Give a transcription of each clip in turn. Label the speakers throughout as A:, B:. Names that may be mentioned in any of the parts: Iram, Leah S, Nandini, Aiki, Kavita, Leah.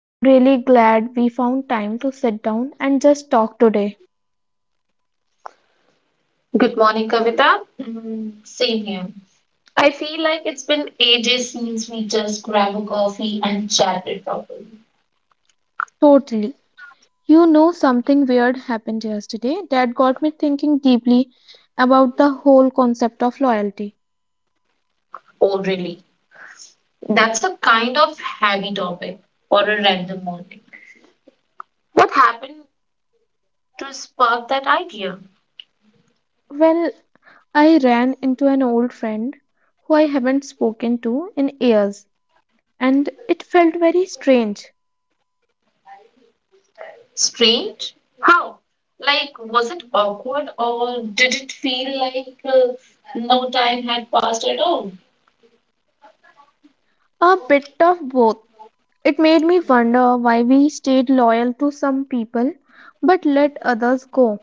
A: I'm really glad we found time to sit down and just talk today.
B: Good morning, Kavita. Mm, same here. I feel like it's been ages since we just grabbed a coffee and chatted properly.
A: Totally. You know, something weird happened yesterday that got me thinking deeply about the whole concept of loyalty.
B: Oh, really? That's a kind of heavy topic for a random morning. What happened to spark that idea?
A: Well, I ran into an old friend who I haven't spoken to in years, and it felt very strange.
B: Strange? How? Like, was it awkward or did it feel like no time had passed at all?
A: A bit of both. It made me wonder why we stayed loyal to some people but let others go.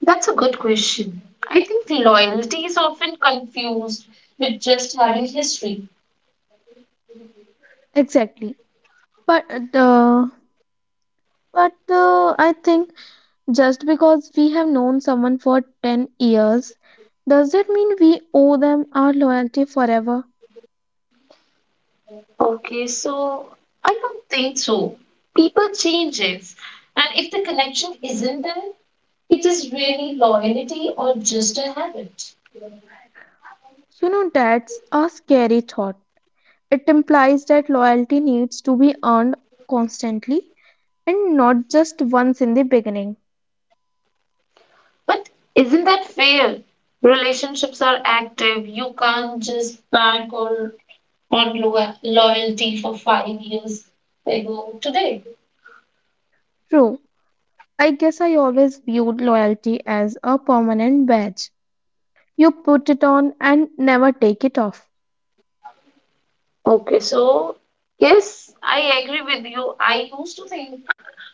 B: That's a good question. I think loyalty is often confused with just having history.
A: Exactly. But the but I think just because we have known someone for 10 years, does that mean we owe them our loyalty forever?
B: Okay, so I don't think so. People changes, and if the connection isn't there, it is really loyalty or just a habit.
A: You know, that's a scary thought. It implies that loyalty needs to be earned constantly and not just once in the beginning.
B: But isn't that fair? Relationships are active. You can't just bank on loyalty for 5 years ago today.
A: True. I guess I always viewed loyalty as a permanent badge. You put it on and never take it off.
B: Okay, so yes, I agree with you. I used to think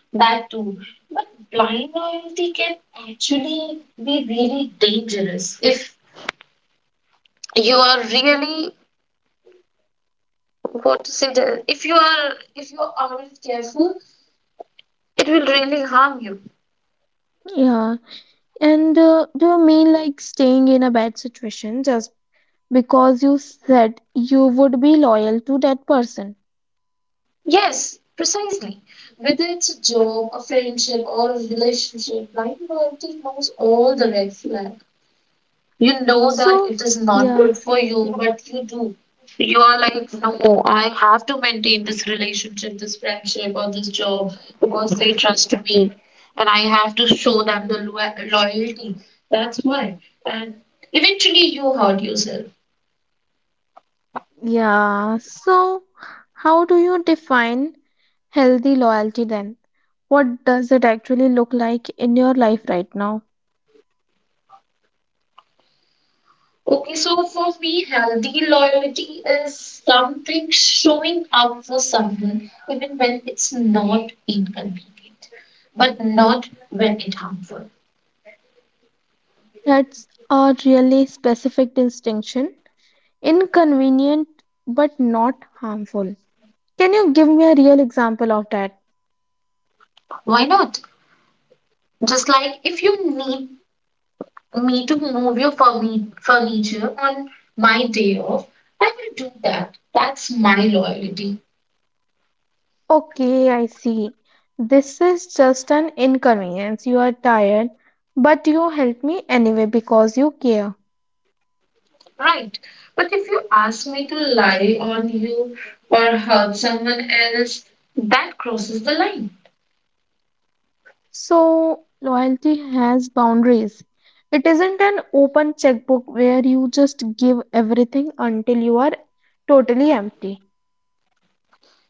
B: that too. But blind loyalty can actually be really dangerous if you are really what to say that if you aren't careful, it will really harm you.
A: Yeah, and do you mean like staying in a bad situation just because you said you would be loyal to that person?
B: Yes, precisely. Whether it's a job, a friendship, or a relationship, blind loyalty knows all the red flags. You know that
A: So,
B: it is not
A: yeah,
B: good for you, but you do. You are like, no, I have to maintain this relationship, this friendship, or this job because they trust me. And I have to show them the loyalty. That's why. And eventually you hurt yourself.
A: yeah. So, how do you define healthy loyalty then? What does it actually look like in your life right now?
B: Okay, so for me, healthy loyalty is something showing up for someone even when it's not inconvenient, but not when it harmful.
A: That's a really specific distinction, inconvenient but not harmful. Can you give me a real example of that?
B: Why not? Just like if you need me to move your furniture on my day off, I will do that. That's my loyalty,
A: Okay, I see. This is just an inconvenience. You are tired, but you help me anyway because you care.
B: right? But if you ask me to lie on you or hurt someone else, that crosses the line.
A: So, loyalty has boundaries. It isn't an open checkbook where you just give everything until you are totally empty.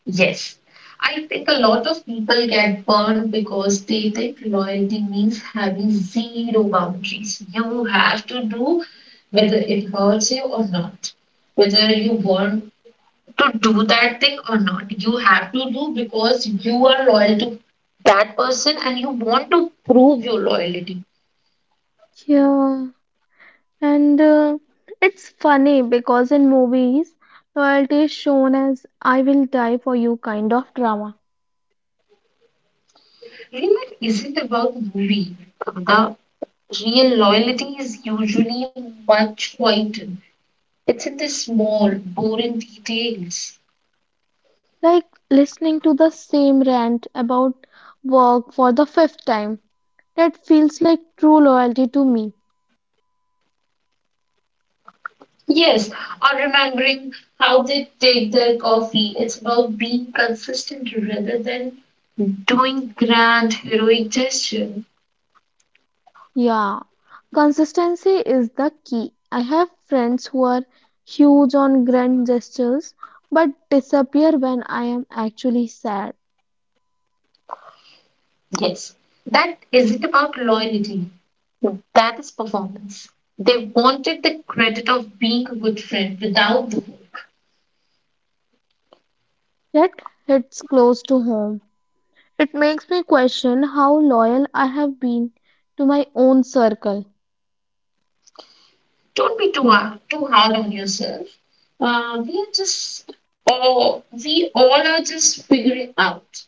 B: Yes, I think a lot of people get burned because they think loyalty means having zero boundaries. You have to do whether it hurts you or not, whether you want to do that thing or not. You have to do because you are loyal to that person and you want to prove your loyalty.
A: Yeah, and it's funny because in movies, loyalty is shown as I will die for you kind of drama.
B: Really, is it about movie? The real loyalty is usually much quieter. It's in the small, boring details.
A: Like listening to the same rant about work for the fifth time. That feels like true loyalty to me.
B: Yes, or remembering how they take their coffee. It's about being consistent rather than doing grand heroic gesture.
A: Yeah, consistency is the key. I have friends who are huge on grand gestures but disappear when I am actually sad.
B: Yes, that isn't about loyalty. That is performance. They wanted the credit of being a good friend without the work.
A: That hits close to home. It makes me question how loyal I have been to my own circle.
B: Don't be too hard on yourself. Uh, we are just, or we all are just figuring out.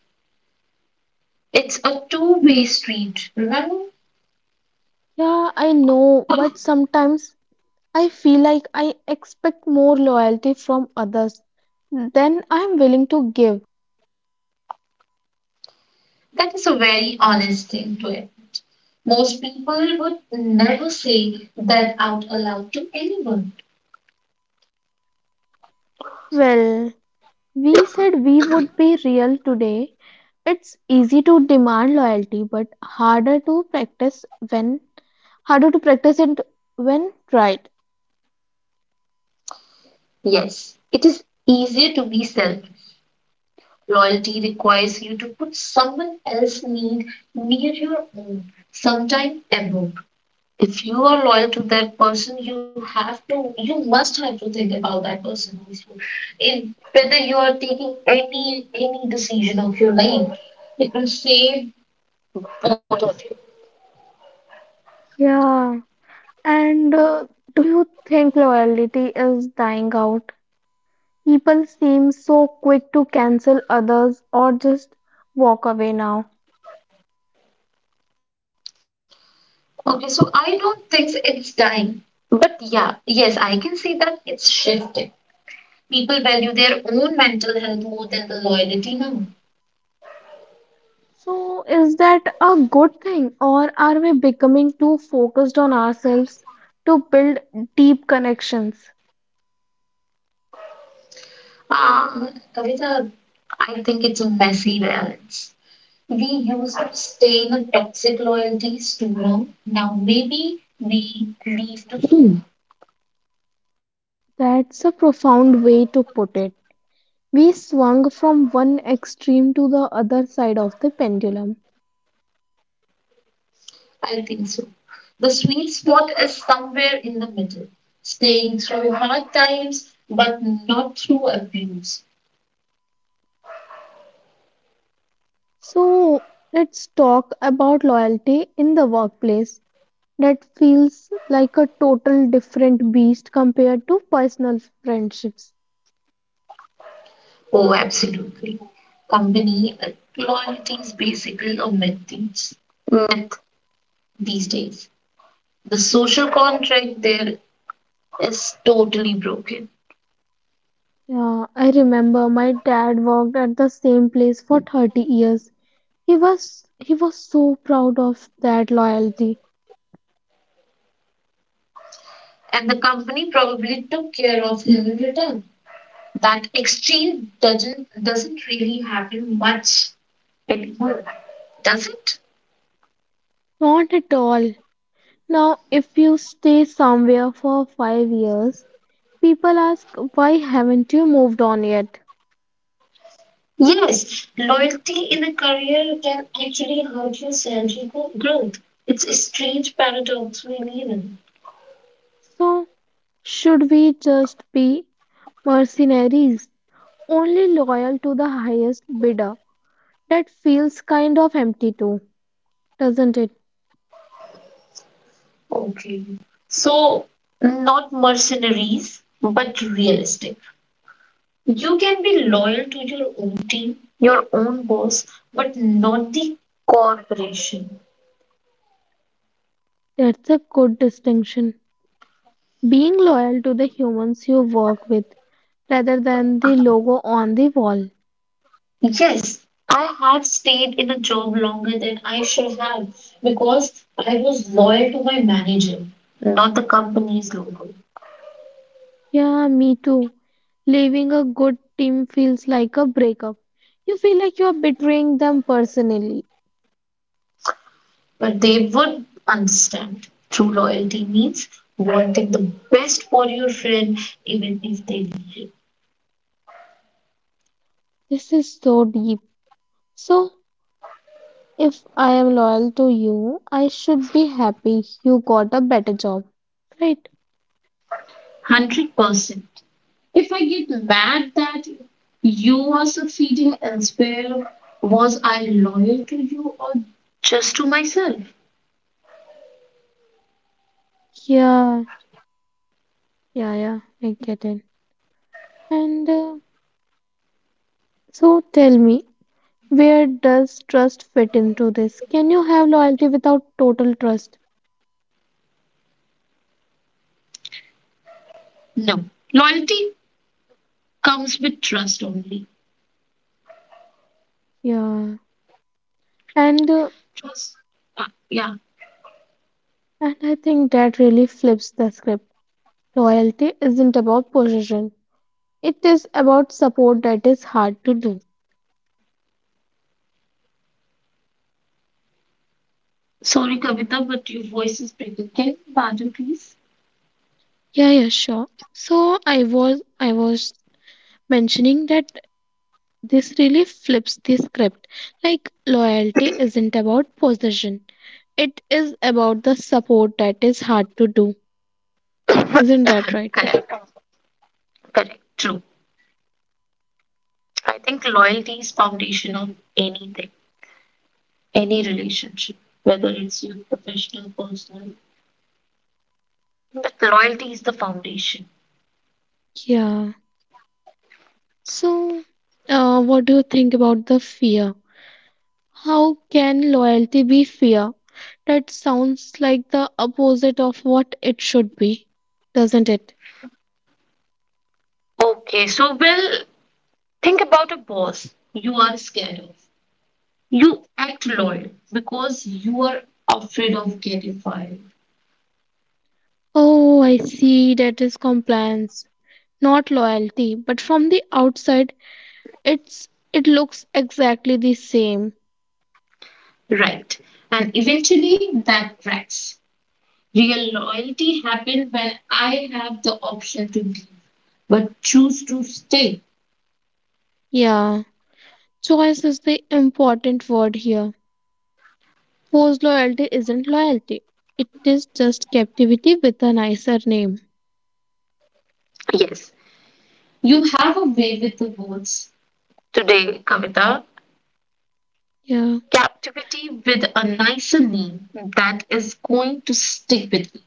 B: It's a two-way street, remember?
A: Yeah, I know, but sometimes I feel like I expect more loyalty from others than I am willing to give.
B: That is a very honest thing to it. Most people would never say that out aloud to anyone.
A: Well, we said we would be real today. It's easy to demand loyalty, but harder to practice it when tried.
B: Yes, it is easier to be selfish. Loyalty requires you to put someone else's need near your own, sometimes above. If you are loyal to that person, you must have to think about that person also. In whether you are taking any decision of your life, it will save both of you.
A: Yeah, and do you think loyalty is dying out? People seem so quick to cancel others or just walk away now.
B: Okay, so I don't think it's dying, but yeah, yes, I can say that it's shifted. People value their own mental health more than the loyalty now.
A: So, is that a good thing, or are we becoming too focused on ourselves to build deep connections?
B: Uh, Kavita, I think it's a messy balance. We used to stay in toxic loyalties too long. Now maybe we leave too soon.
A: That's a profound way to put it. We swung from one extreme to the other side of the pendulum.
B: I think so. The sweet spot is somewhere in the middle, staying through hard times but not through abuse.
A: So, let's talk about loyalty in the workplace. That feels like a total different beast compared to personal friendships.
B: Oh, absolutely. Company loyalty is basically a myth these days. The social contract there is totally broken.
A: Yeah, I remember my dad worked at the same place for 30 years. He was so proud of that loyalty.
B: And the company probably took care of him in return. That exchange doesn't really happen much anymore, does it?
A: Not at all. Now if you stay somewhere for 5 years, people ask why haven't you moved on yet?
B: Yes, loyalty in a career can actually hurt your salary growth. It's a strange paradox we live in.
A: So should we just be mercenaries? Only loyal to the highest bidder. That feels kind of empty too, doesn't it?
B: Okay. So, not mercenaries, but realistic. You can be loyal to your own team, your own boss, but not the corporation.
A: That's a good distinction. Being loyal to the humans you work with rather than the logo on the wall.
B: Yes, I have stayed in a job longer than I should have because I was loyal to my manager, yeah, not the company's logo.
A: Yeah, me too. Leaving a good team feels like a breakup. You feel like you're betraying them personally.
B: But they would understand. True loyalty means wanting the best for your friend, even if they leave you.
A: This is so deep. So, if I am loyal to you, I should be happy you got a better job, right?
B: 100%. If I get mad that you are succeeding elsewhere, was I loyal to you or just to myself?
A: Yeah, yeah, yeah, I get it. And so tell me, where does trust fit into this? Can you have loyalty without total trust?
B: No. Loyalty comes with trust only.
A: Yeah. And uh,
B: Just, uh, yeah.
A: and I think that really flips the script. Loyalty isn't about possession, it is about support that is hard to do.
B: Sorry, Kavita, but your voice is breaking. Can you pardon, please?
A: Yeah, yeah, sure. So I was mentioning that this really flips the script. Like loyalty isn't about possession. It is about the support that is hard to do. Isn't that right?
B: Correct, correct, true. I think loyalty is foundation of anything, any relationship, whether it's your professional, personal. But loyalty is the foundation.
A: Yeah. So what do you think about the fear? How can loyalty be fear? That sounds like the opposite of what it should be, doesn't it?
B: Okay, so well, think about a boss you are scared of. You act loyal because you are afraid of getting fired.
A: Oh, I see that is compliance, not loyalty, but from the outside it looks exactly the same.
B: Right. And eventually that cracks. Real loyalty happens when I have the option to leave, but choose to stay.
A: Yeah, choice is the important word here. Forced loyalty isn't loyalty. It is just captivity with a nicer name.
B: Yes. You have a way with the words today, Kavita.
A: Yeah,
B: Captivity with a nicer name, that is going to stick with me.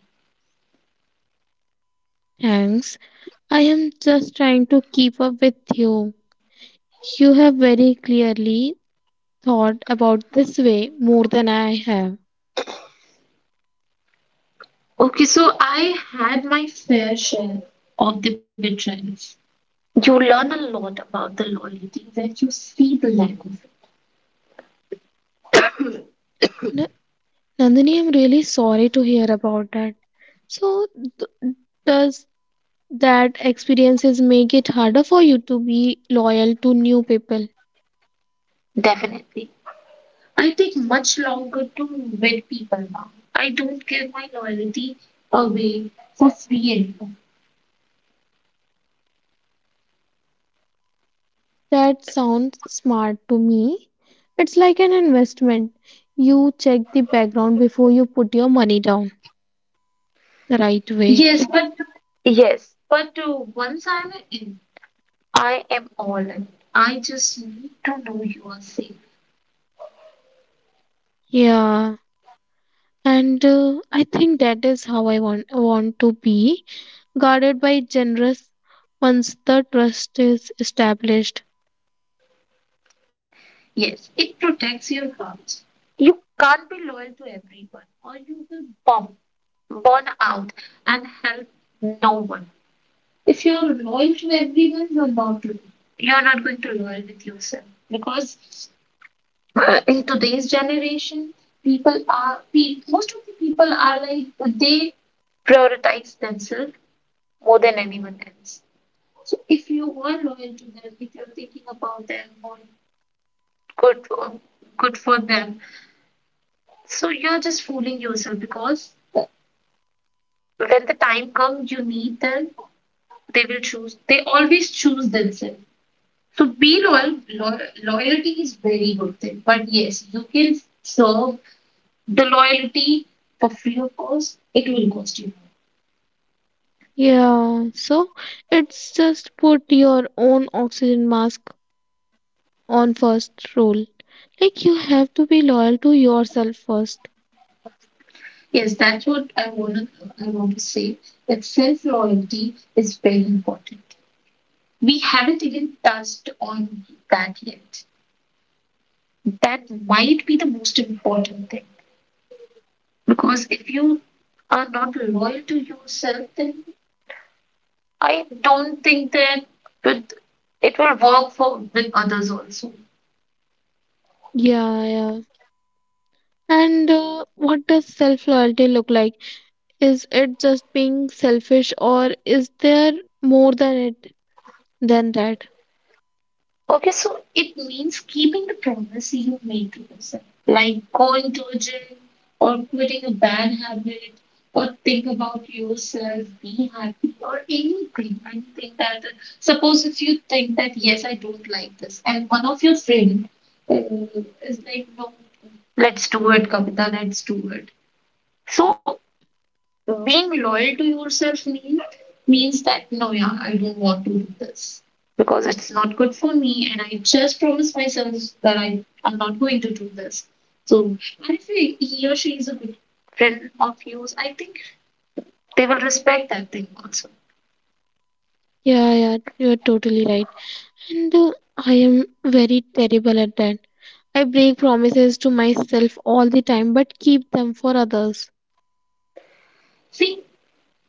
A: thanks. I am just trying to keep up with you. You have very clearly thought about this way more than I have.
B: Okay, so I had my fair share of the betrayals. You learn a lot about the loyalty when you see the lack of it.
A: N- Nandini, I'm really sorry to hear about that. So, th- does that experiences make it harder for you to be loyal to new people?
B: Definitely. I take much longer to win people now. I don't give my loyalty away for free anymore.
A: That sounds smart to me. It's like an investment. You check the background before you put your money down the right way.
B: Yes, but yes, but once I'm in, I am all in. I just need to know you are safe.
A: Yeah, and I think that is how I want to be. Guarded by generous once the trust is established.
B: Yes, it protects your heart. You can't be loyal to everyone, or you will bomb, burn out, and help no one. If you're loyal to everyone, you're not loyal. You're not going to loyal with yourself because in today's generation, most of the people are like they prioritize themselves more than anyone else. So if you were loyal to them, if you're thinking about them, or good or good for them, so you're just fooling yourself because when the time comes, you need them. They will choose. They always choose themselves. So be loyal. Loyalty is very good thing. But yes, you can serve the loyalty for free, of course it will cost you.
A: Yeah, so it's just put your own oxygen mask on first rule. Like you have to be loyal to yourself first.
B: Yes, that's what I want to say, that self loyalty is very important. We haven't even touched on that yet. That might be the most important thing, because if you are not loyal to yourself then I don't think that it it will work for with others also.
A: Yeah, yeah. And what does self loyalty look like? Is it just being selfish or is there more than that?
B: Okay, so it means keeping the promise you made to yourself, like going to a gym or quitting a bad habit or think about yourself, be happy or anything. Anything that, suppose if you think that, yes, I don't like this, and one of your friend uh, is like, no, let's do it, Kavita, let's do it. So so being loyal to yourself mean, means that no, yeah, I don't want to do this because it's not good for me, and I just promised myself that I am not going to do this. So, and if he or she is a good friend of yours, I think they will respect that thing also.
A: Yeah, yeah, you're totally right. And I am very terrible at that. I break promises to myself all the time but keep them for others.
B: See,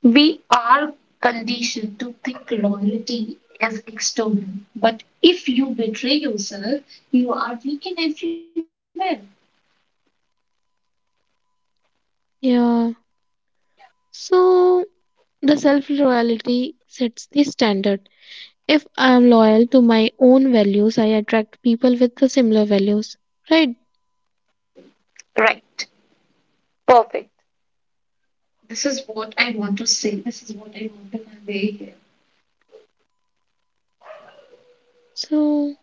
B: we are conditioned to think loyalty is external, but if you betray yourself, you are weak in everywhere.
A: Yeah. So the self loyalty sets the standard. If I am loyal to my own values, I attract people with the similar values. Right?
B: Right. Perfect. This is what I want to say. This is what I want to convey here.
A: So,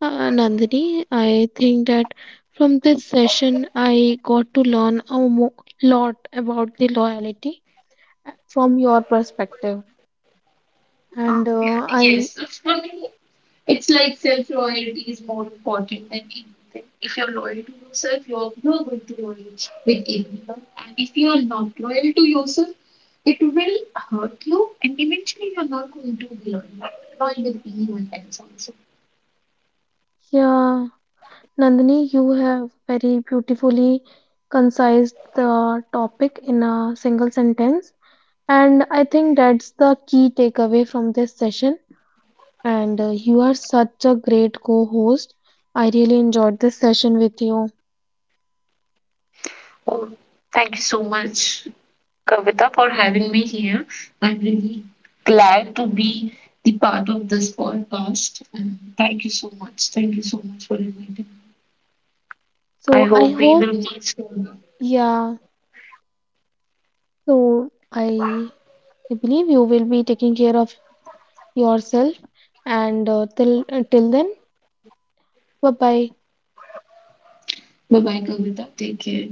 A: Nandini, I think that from this session, I got to lot about the loyalty from your perspective. And
B: Yeah,
A: uh, I
B: yes, so for me, it's like self loyalty is more important than anything. If you're loyal to yourself, you're, not going to be loyal with everyone. And if you are not loyal to yourself, it will hurt you, and eventually you're not going to be loyal with anyone else also.
A: Yeah, Nandini, you have very beautifully concised the topic in a single sentence. And I think that's the key takeaway from this session. And you are such a great co-host. I really enjoyed this session with you.
B: Oh, thank you so much, Kavita, for having me here. I'm really glad to be the part of this podcast. And thank you so much. Thank you so much for inviting me. I
A: So I
B: hope we will
A: hope,
B: meet soon.
A: yeah, so I believe you will be taking care of yourself. And till then, bye-bye.
B: Bye bye, Kavita. Take care.